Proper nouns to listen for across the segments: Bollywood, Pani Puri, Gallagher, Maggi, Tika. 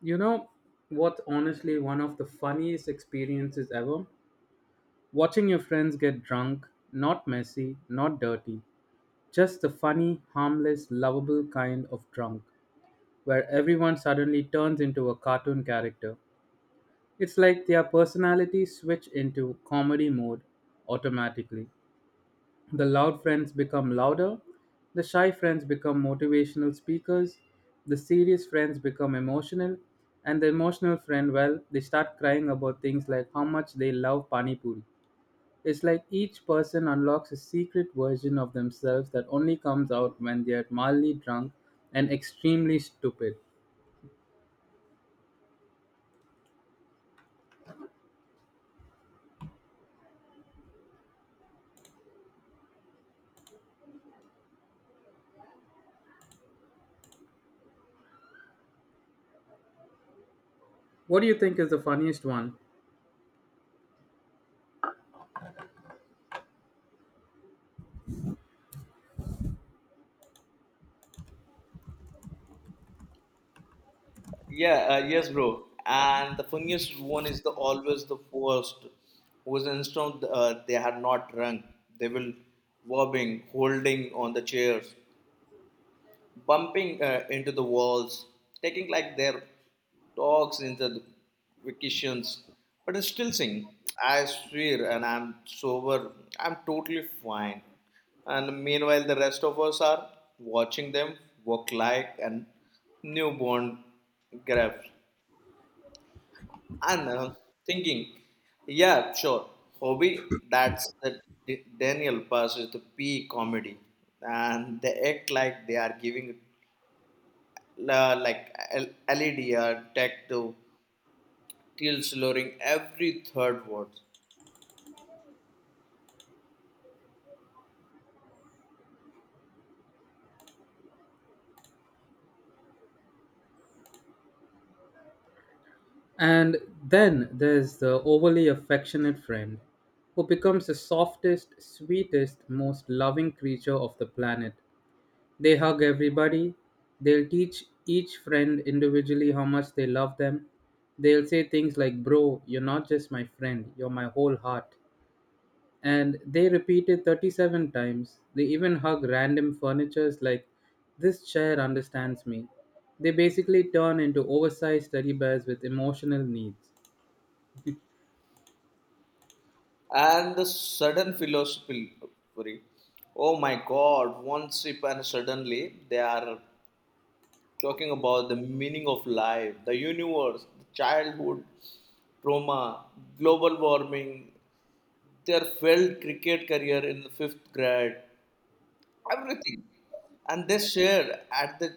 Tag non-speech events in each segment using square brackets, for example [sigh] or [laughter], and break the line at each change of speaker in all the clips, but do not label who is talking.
You know what? Honestly, one of the funniest experiences ever. Watching your friends get drunk, not messy, not dirty, just the funny, harmless, lovable kind of drunk, where everyone suddenly turns into a cartoon character. It's like their personalities switch into comedy mode automatically. The loud friends become louder, the shy friends become motivational speakers, the serious friends become emotional, and the emotional friend, well, they start crying about things like how much they love Pani Puri. It's like each person unlocks a secret version of themselves that only comes out when they're mildly drunk and extremely stupid. What do you think is the funniest one?
Yeah, yes, bro. And the funniest one is the always the first whose instant they had not rung. They will wobbling, holding on the chairs, bumping into the walls, taking like their talks into the vacations, but I still sing. I swear, and I'm sober. I'm totally fine. And meanwhile, the rest of us are watching them work like and newborn grab. And thinking, yeah, sure, hobby, that's the Daniel Pass is the P comedy. And they act like they are giving la like LED or tech to teal slurring every third word.
And then there's the overly affectionate friend who becomes the softest, sweetest, most loving creature of the planet. They hug everybody. They'll teach each friend individually how much they love them. They'll say things like, "Bro, you're not just my friend, you're my whole heart." And they repeat it 37 times. They even hug random furnitures like, "This chair understands me." They basically turn into oversized teddy bears with emotional needs.
And the sudden philosophy, oh my god, one sip and suddenly they are talking about the meaning of life, the universe, the childhood trauma, global warming, their failed cricket career in the fifth grade, everything. And they shared at the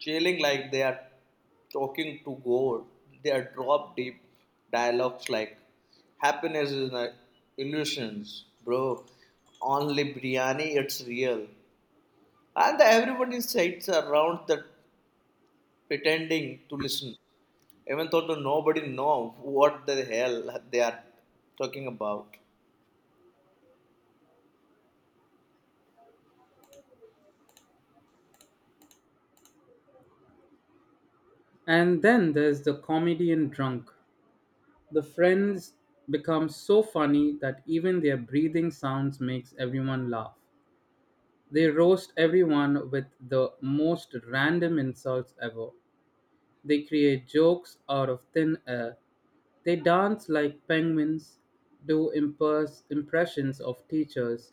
chilling like they are talking to God. They are drop deep dialogues like happiness is an illusions, bro. Only biryani, it's real. And everyone is sites around the pretending to listen. Even though nobody know what the hell they are talking about.
And then there's the comedian drunk. The friends become so funny that even their breathing sounds makes everyone laugh. They roast everyone with the most random insults ever. They create jokes out of thin air. They dance like penguins, do impressions of teachers,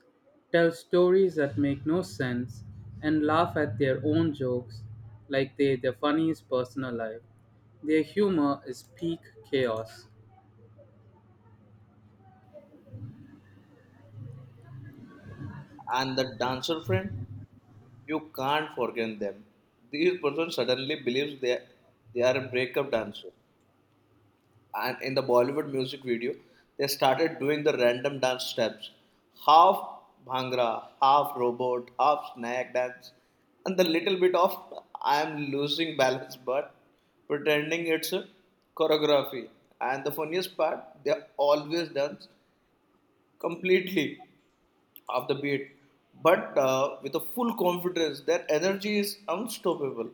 tell stories that make no sense, and laugh at their own jokes like they're the funniest person alive. Their humor is peak chaos.
And the dancer friend? You can't forget them. These person suddenly believes they are a breakup dancer. And in the Bollywood music video, they started doing the random dance steps. Half bhangra, half robot, half snack dance, and the little bit of I am losing balance but pretending it's a choreography. And the funniest part, they always dance completely of the beat, but with a full confidence that energy is unstoppable.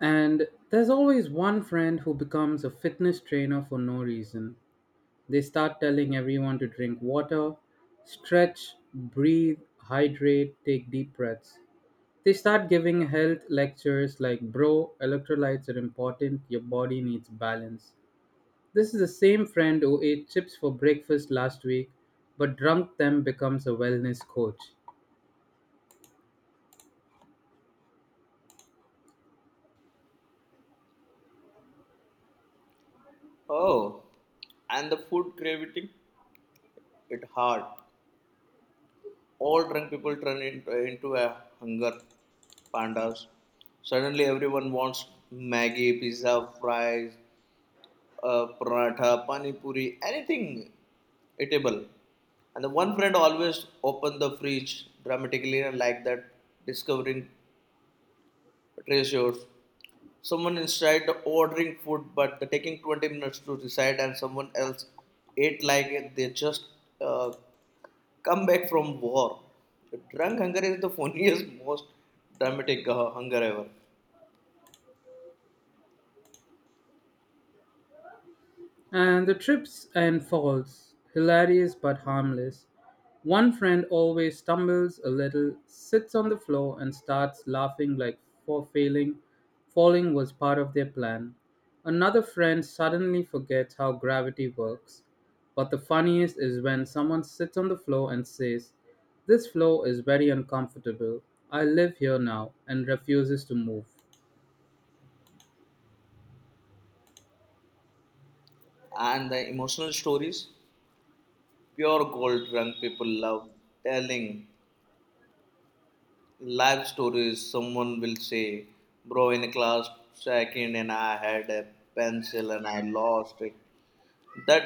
And there's always one friend who becomes a fitness trainer for no reason. They start telling everyone to drink water, stretch, breathe, hydrate, take deep breaths. They start giving health lectures like, "Bro, electrolytes are important, your body needs balance." This is the same friend who ate chips for breakfast last week but drunk them becomes a wellness coach.
Oh, and the food craving, it hard. All drunk people turn into a hunger pandas. Suddenly everyone wants Maggie, pizza, fries, paratha, pani puri, anything eatable. And the one friend always open the fridge dramatically and like that, discovering treasures. Someone inside ordering food but they're taking 20 minutes to decide and someone else ate like they just uh, come back from war drunk hunger is the [laughs] funniest most dramatic hunger ever.
And the trips and falls, hilarious but harmless. One friend always stumbles a little, sits on the floor, and starts laughing like for failing. Falling was part of their plan. Another friend suddenly forgets how gravity works. But the funniest is when someone sits on the floor and says, "This floor is very uncomfortable. I live here now," and refuses to move.
And the emotional stories pure gold drunk people love telling life stories someone will say, bro in class second and I had a pencil and I lost it that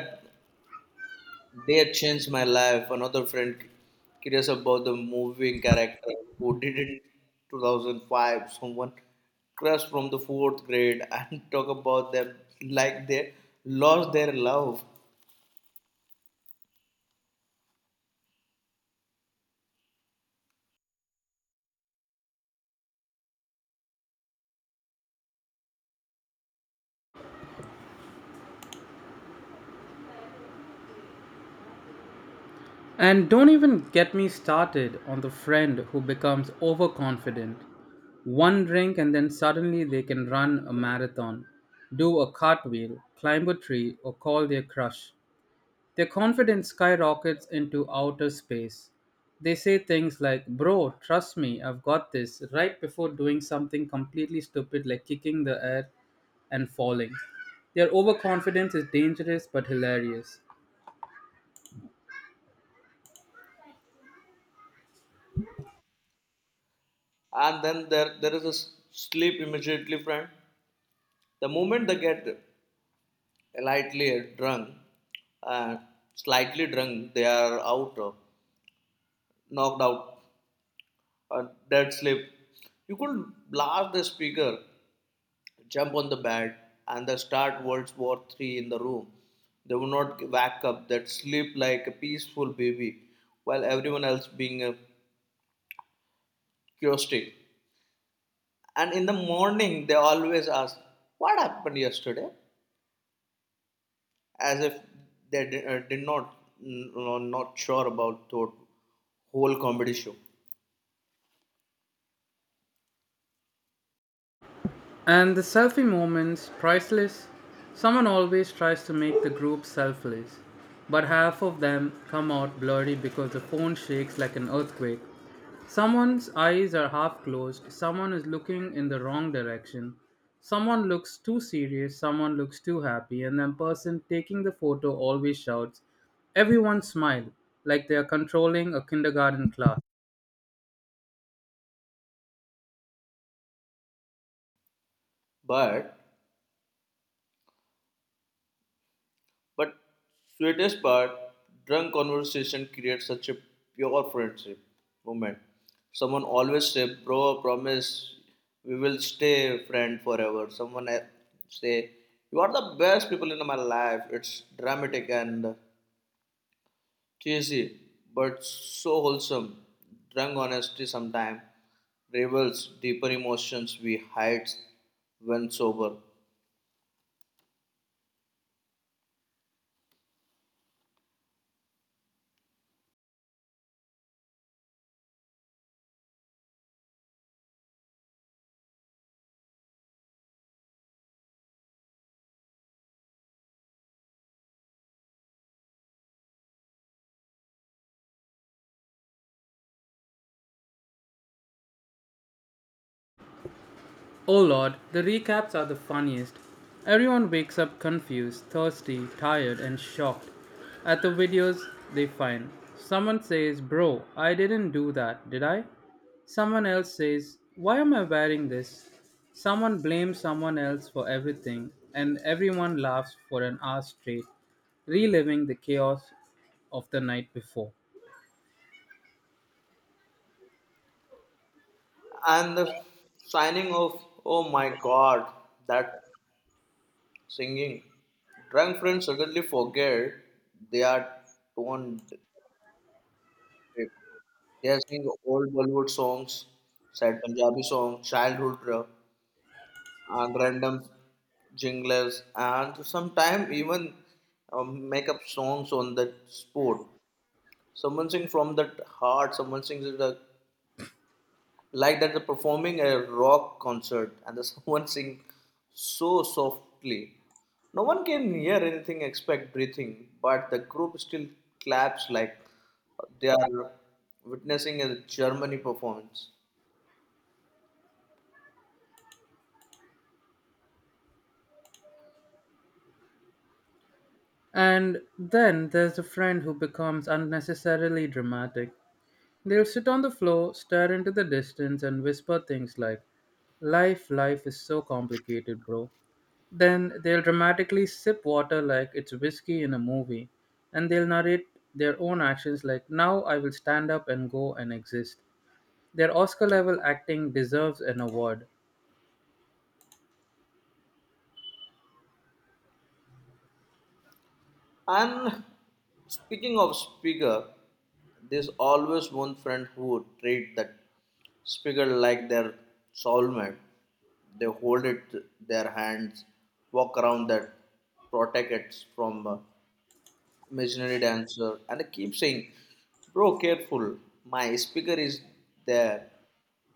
they had changed my life. Another friend curious about the moving character who did it in 2005. Someone crush from the fourth grade and [laughs] talk about them like they lost their love.
And don't even get me started on the friend who becomes overconfident. One drink, and then suddenly they can run a marathon, do a cartwheel, climb a tree, or call their crush. Their confidence skyrockets into outer space. They say things like, "Bro, trust me, I've got this," right before doing something completely stupid like kicking the air and falling. Their overconfidence is dangerous but hilarious.
And then there is a sleep immediately friend. The moment they get lightly drunk, uh, slightly drunk, they are out, knocked out, dead sleep. You could blast the speaker jump on the bed and they start World War III in the room. They would not wake up, they'd sleep like a peaceful baby while everyone else being chaotic. And in the morning, they always ask, what happened yesterday? As if they did not, not sure about the whole comedy show.
And the selfie moment's priceless. Someone always tries to make the group selfless, but half of them come out blurry because the phone shakes like an earthquake. Someone's eyes are half closed, someone is looking in the wrong direction, someone looks too serious, someone looks too happy, and the person taking the photo always shouts, "Everyone smile," like they are controlling a kindergarten class.
But But sweetest part, drunk conversation creates such a pure friendship moment. Someone always say, "Bro, promise we will stay friend forever." Someone say, "You are the best people in my life." It's dramatic and cheesy, but so wholesome. Drunk honesty sometimes reveals deeper emotions we hide when sober.
Oh lord, the recaps are the funniest. Everyone wakes up confused, thirsty, tired, and shocked at the videos they find. Someone says, "Bro, I didn't do that, did I?" Someone else says, "Why am I wearing this?" Someone blames someone else for everything, and everyone laughs for an hour straight, reliving the chaos of the night before.
And the signing of, oh my god, that singing. Drunk friends suddenly forget they are on trip. They are singing old Bollywood songs, sad Punjabi songs, childhood rap, and random jingles, and sometimes even make up songs on the spot. Someone sings from the heart, someone sings the like that they're performing a rock concert, and there's [laughs] someone sing so softly no one can hear anything except breathing, but the group still claps like they are witnessing a Germany performance.
And then there's the friend who becomes unnecessarily dramatic. They'll sit on the floor, stare into the distance, and whisper things like, "Life, life is so complicated, bro." Then they'll dramatically sip water like it's whiskey in a movie, and they'll narrate their own actions like, "Now I will stand up and go and exist." Their Oscar level acting deserves an award.
And speaking of speaker, there's always one friend who would treat that speaker like their soulmate. They hold it their hands, walk around that, protect it from imaginary dancer, and I keep saying, "Bro, careful. My speaker is there."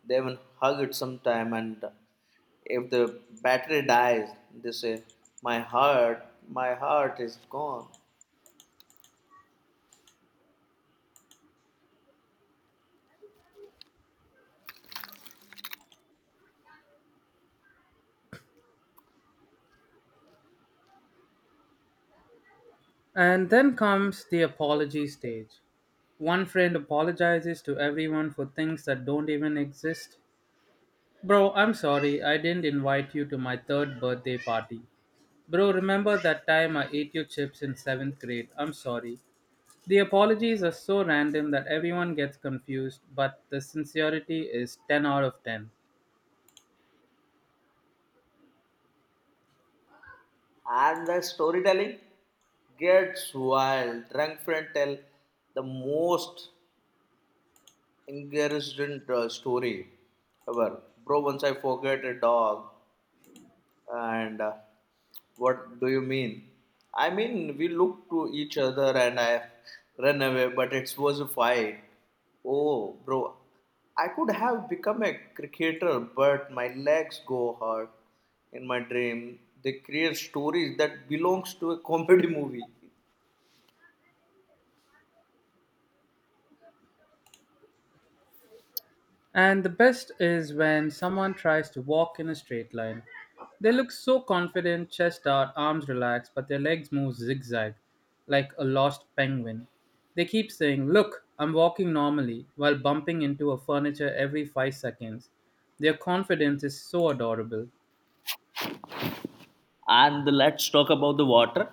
They even hug it sometime, and if the battery dies, they say, "My heart, my heart is gone."
And then comes the apology stage. One friend apologizes to everyone for things that don't even exist. "Bro, I'm sorry, I didn't invite you to my third birthday party. Bro, remember that time I ate your chips in seventh grade? I'm sorry." The apologies are so random that everyone gets confused, but the sincerity is 10 out of 10.
And the storytelling gets wild. Drunk friend tell the most interesting story ever. Bro, once I forget a dog. And what do you mean? I mean, we looked to each other and I ran away, but it was a fight. Oh, bro, I could have become a cricketer, but my legs go hard in my dream. They create stories that belongs to a comedy [laughs] movie.
And the best is when someone tries to walk in a straight line. They look so confident, chest out, arms relaxed, but their legs move zigzag like a lost penguin. They keep saying, "Look, I'm walking normally," while bumping into a furniture every 5 seconds. Their confidence is so adorable.
And let's talk about the water.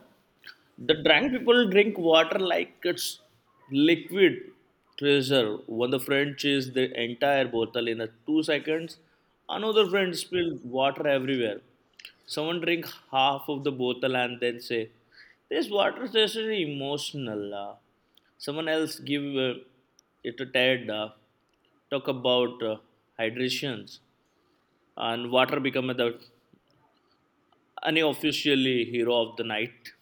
The drunk people drink water like it's liquid treasure. One the friend chased the entire bottle in a 2 seconds. Another friend spilled water everywhere. Someone drink half of the bottle and then say, "This water tastes really emotional." Someone else give it a tad. Talk about hydrations, and water become the unofficially hero of the night.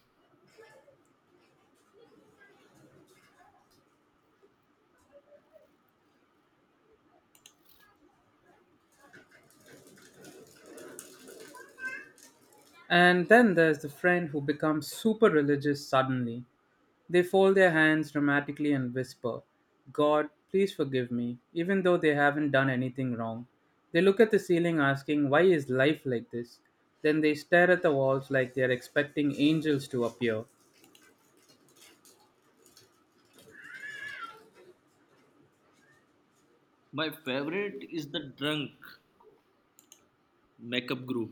And then there's the friend who becomes super religious suddenly. They fold their hands dramatically and whisper, "God, please forgive me," even though they haven't done anything wrong. They look at the ceiling asking, "Why is life like this?" Then they stare at the walls like they are expecting angels to appear.
My favorite is the drunk makeup guru.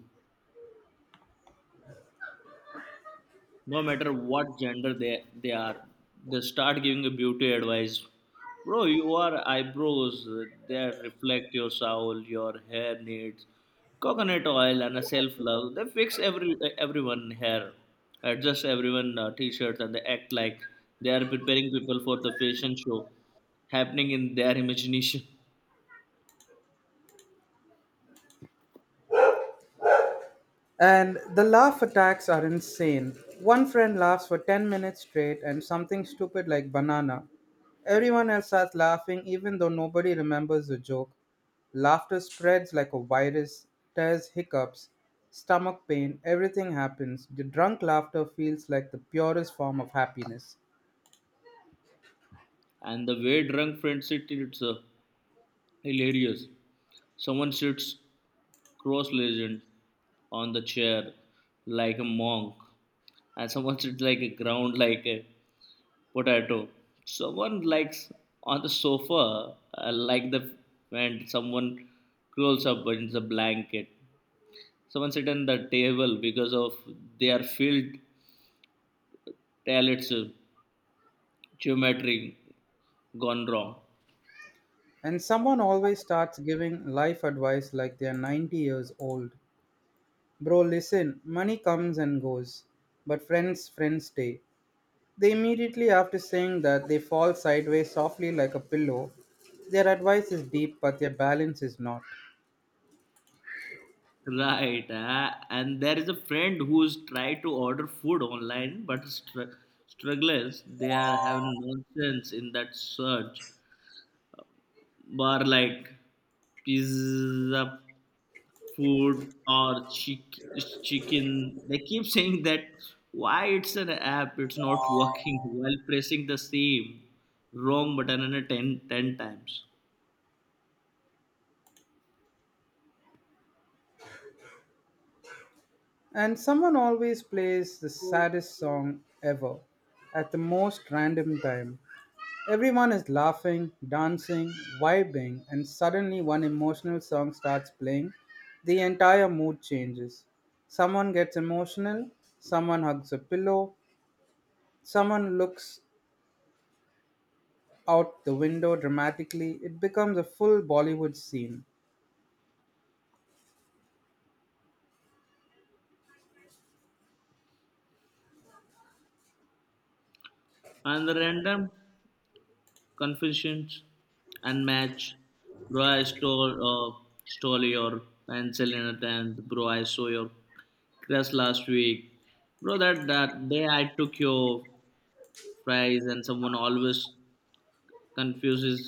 No matter what gender they are, they start giving a beauty advice. Bro, your eyebrows, they reflect your soul, your hair needs coconut oil and a self-love. They fix everyone hair, adjust everyone t-shirts, and they act like they are preparing people for the fashion show happening in their imagination.
And the laugh attacks are insane. One friend laughs for 10 minutes straight and something stupid like banana. Everyone else starts laughing even though nobody remembers the joke. Laughter spreads like a virus, tears, hiccups, stomach pain, everything happens. The drunk laughter feels like the purest form of happiness.
And the way drunk friends sit, it's hilarious. Someone sits cross-legged on the chair like a monk, and someone sits like a ground like a potato. Someone likes on the sofa like the, and someone curls up in the blanket. Someone sit on the table because of their field tell geometry gone wrong.
And someone always starts giving life advice like they're 90 years old. "Bro, listen, money comes and goes, but friends, friends stay." They immediately after saying that they fall sideways softly like a pillow. Their advice is deep, but their balance is not.
Right, and there is a friend who's tried to order food online but struggles. They are having nonsense in that search bar like pizza, food, or chicken. They keep [laughs] saying that why it's an app, it's not working while pressing the same wrong button and ten times.
And someone always plays the saddest song ever at the most random time. Everyone is laughing, dancing, vibing, and suddenly one emotional song starts playing. The entire mood changes. Someone gets emotional, someone hugs a pillow, someone looks out the window dramatically, it becomes a full Bollywood scene.
And the random confessions and match. Bro, I stole your pencil in a tent. Bro, I saw your crush last week. Bro, that day I took your fries, and someone always confuses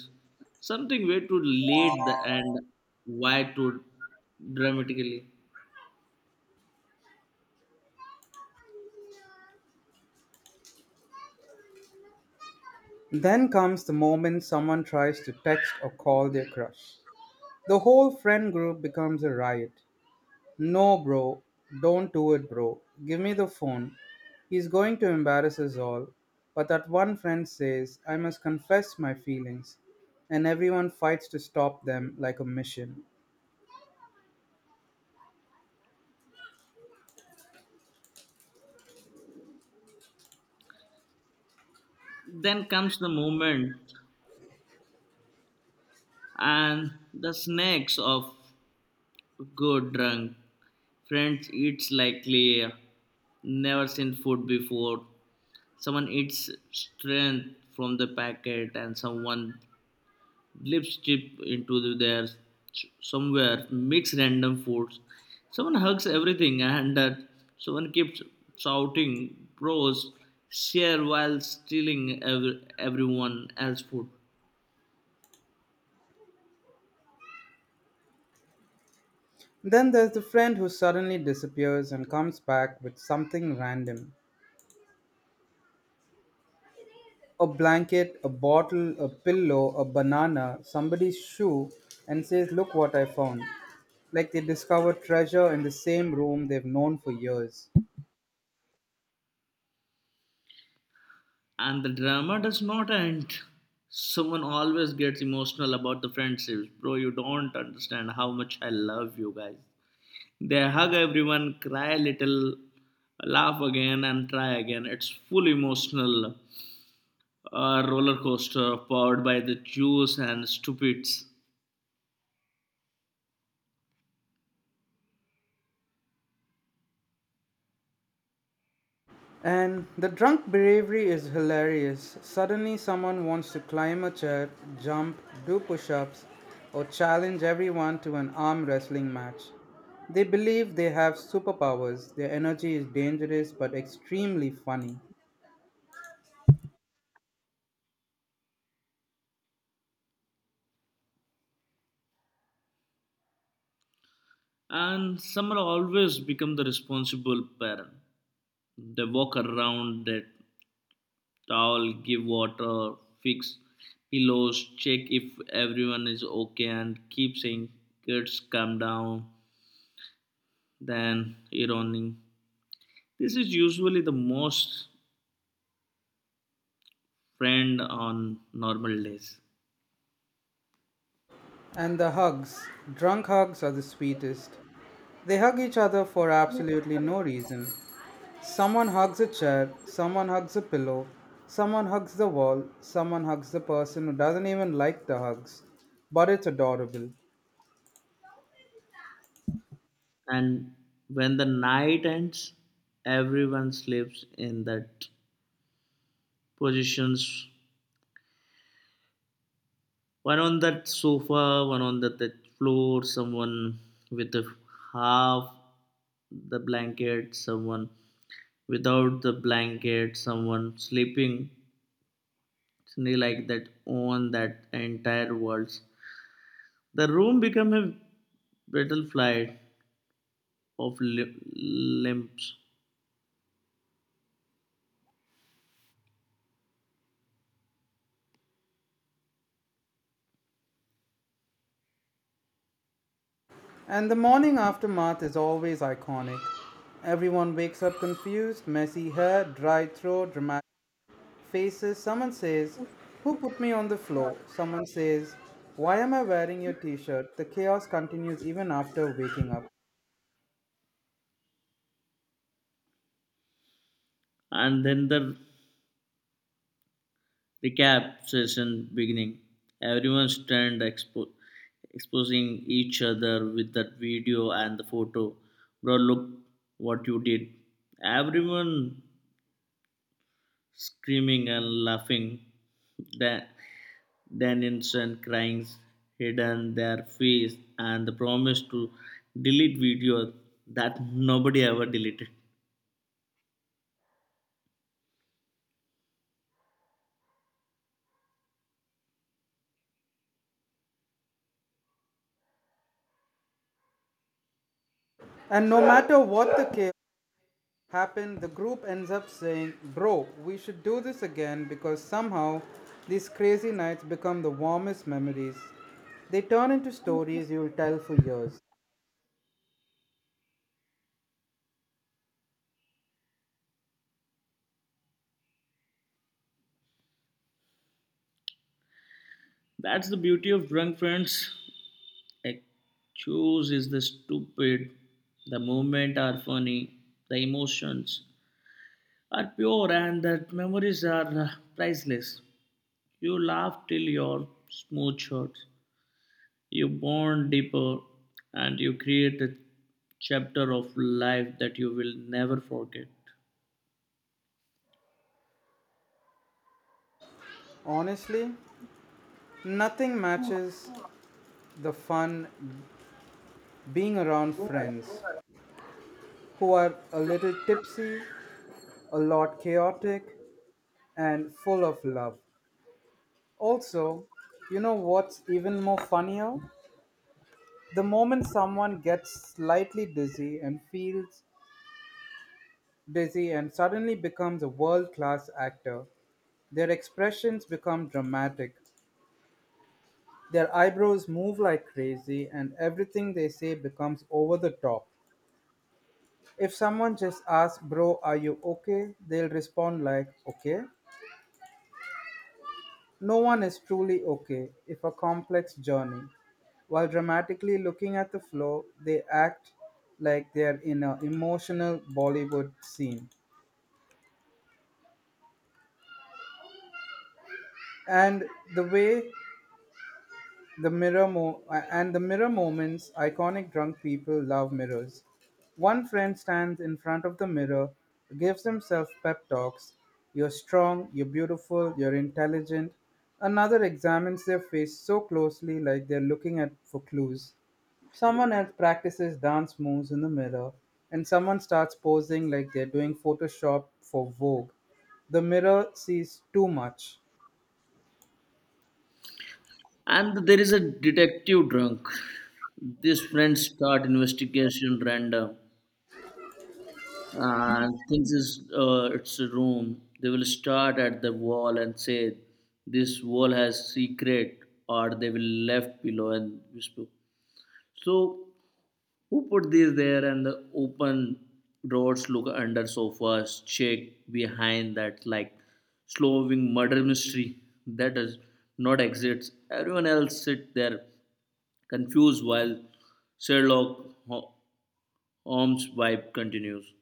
something way too late the end, why to dramatically.
Then comes the moment someone tries to text or call their crush. The whole friend group becomes a riot. "No, bro, don't do it, bro. Give me the phone. He's going to embarrass us all." But that one friend says, "I must confess my feelings." And everyone fights to stop them like a mission.
Then comes the moment and the snacks of good drunk. Friends eats like clay, never seen food before. Someone eats strength from the packet, and someone lips chip into the, their, somewhere mix random foods, someone hugs everything, and that someone keeps shouting pros share while stealing everyone else food.
Then there's the friend who suddenly disappears and comes back with something random: a blanket, a bottle, a pillow, a banana, somebody's shoe, and says, "Look what I found." Like they discover treasure in the same room they've known for years.
And the drama does not end. Someone always gets emotional about the friendships. Bro, you don't understand how much I love you guys. They hug everyone, cry a little, laugh again, and try again. It's full emotional roller coaster powered by the Jews and stupids.
And the drunk bravery is hilarious. Suddenly, someone wants to climb a chair, jump, do push ups, or challenge everyone to an arm wrestling match. They believe they have superpowers. Their energy is dangerous but extremely funny.
And summer always become the responsible parent. They walk around, they towel, give water, fix pillows, check if everyone is okay, and keep saying, "Kids, calm down." Then ironing. This is usually the most friend on normal days.
And the hugs. Drunk hugs are the sweetest. They hug each other for absolutely no reason. Someone hugs a chair, someone hugs a pillow, someone hugs the wall, someone hugs the person who doesn't even like the hugs. But it's adorable.
And when the night ends, everyone sleeps in that positions. One on that sofa, one on the floor, someone with a half the blanket, someone without the blanket, someone sleeping suddenly like that on that entire walls. The room become a battlefield of limbs,
And the morning aftermath is always iconic. Everyone wakes up confused, messy hair, dry throat, dramatic faces. Someone says, "Who put me on the floor?" Someone says, "Why am I wearing your t shirt?" The chaos continues even after waking up.
and then the recap session beginning. Everyone stand exposing each other with that video and the photo. Bro, look what you did. Everyone screaming and laughing. Dan- Daniels and crying hidden their face and the promise to delete video that nobody ever deleted.
And no matter what the chaos happen, the group ends up saying, "Bro, we should do this again," because somehow these crazy nights become the warmest memories. They turn into stories you'll tell for years.
That's the beauty of drunk friends. Excuse is the stupid, the movement are funny, the emotions are pure, and the memories are priceless. You laugh till your smooth hurts, you bond deeper, and you create a chapter of life that you will never forget.
Honestly, nothing matches the fun being around friends who are a little tipsy, a lot chaotic, and full of love. Also, you know what's even more funnier? The moment someone gets slightly dizzy and feels busy, and suddenly becomes a world class actor. Their expressions become dramatic, their eyebrows move like crazy, and everything they say becomes over the top. If someone just asks, "Bro, are you okay?" they'll respond like, "Okay. No one is truly okay if a complex journey." While dramatically looking at the floor, they act like they're in an emotional Bollywood scene. And the way the mirror moments, iconic. Drunk people love mirrors. One friend stands in front of the mirror, gives himself pep talks. "You're strong, you're beautiful, you're intelligent." Another examines their face so closely like they're looking at for clues. Someone else practices dance moves in the mirror, and someone starts posing like they're doing Photoshop for Vogue. The mirror sees too much.
And there is a detective drunk. These friends start investigation random. And things is it's a room. They will start at the wall and say this wall has secret, or they will left below and whisper, so who put this there, and the open doors, look under sofas, check behind that, like slowing murder mystery that does not exist. Everyone else sit there confused while Sherlock Ho- Holmes vibe continues.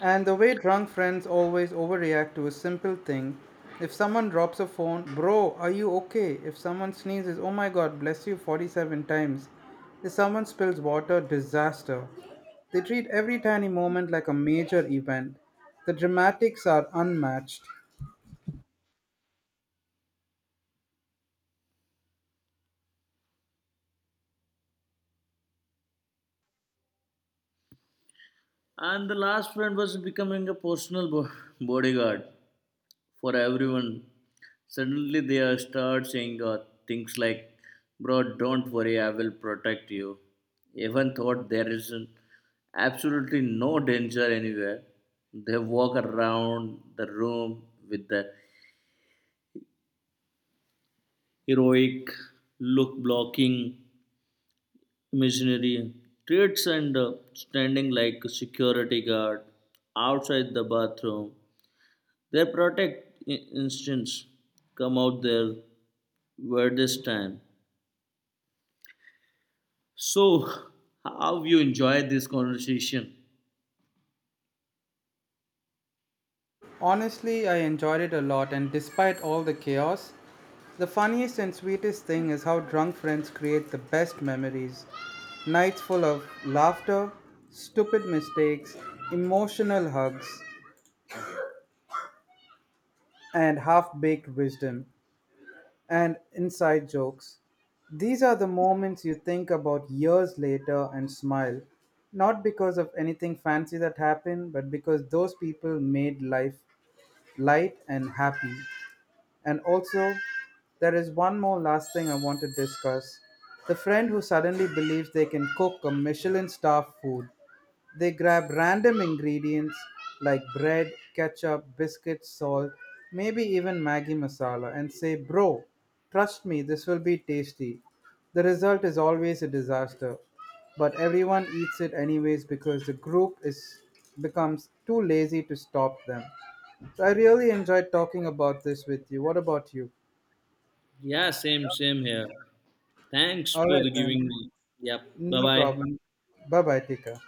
And the way drunk friends always overreact to a simple thing. If someone drops a phone, "Bro, are you okay?" If someone sneezes, "Oh my god, bless you 47 times." If someone spills water, disaster. They treat every tiny moment like a major event. The dramatics are unmatched.
And the last friend was becoming a personal bodyguard for everyone. Suddenly they are start saying things like, "Bro, don't worry, I will protect you." Even thought there is absolutely no danger anywhere. They walk around the room with the heroic look, blocking imaginary traits, and standing like a security guard outside the bathroom. Their protect instincts come out there where this time. So, how you enjoyed this conversation?
Honestly, I enjoyed it a lot, and despite all the chaos, the funniest and sweetest thing is how drunk friends create the best memories. Nights full of laughter, stupid mistakes, emotional hugs, and half baked wisdom, and inside jokes. These are the moments you think about years later and smile, not because of anything fancy that happened, but because those people made life light and happy. And also, there is one more last thing I want to discuss. The friend who suddenly believes they can cook a Michelin star food. They grab random ingredients like bread, ketchup, biscuits, salt, maybe even Maggi masala and say, "Bro, trust me, this will be tasty." The result is always a disaster, but everyone eats it anyways because the group is becomes too lazy to stop them. So I really enjoyed talking about this with you. What about you?
Yeah, same, same here. Thanks
All
for the
right then.
giving me. Yep. Bye
No
bye.
problem. Bye bye, Tika.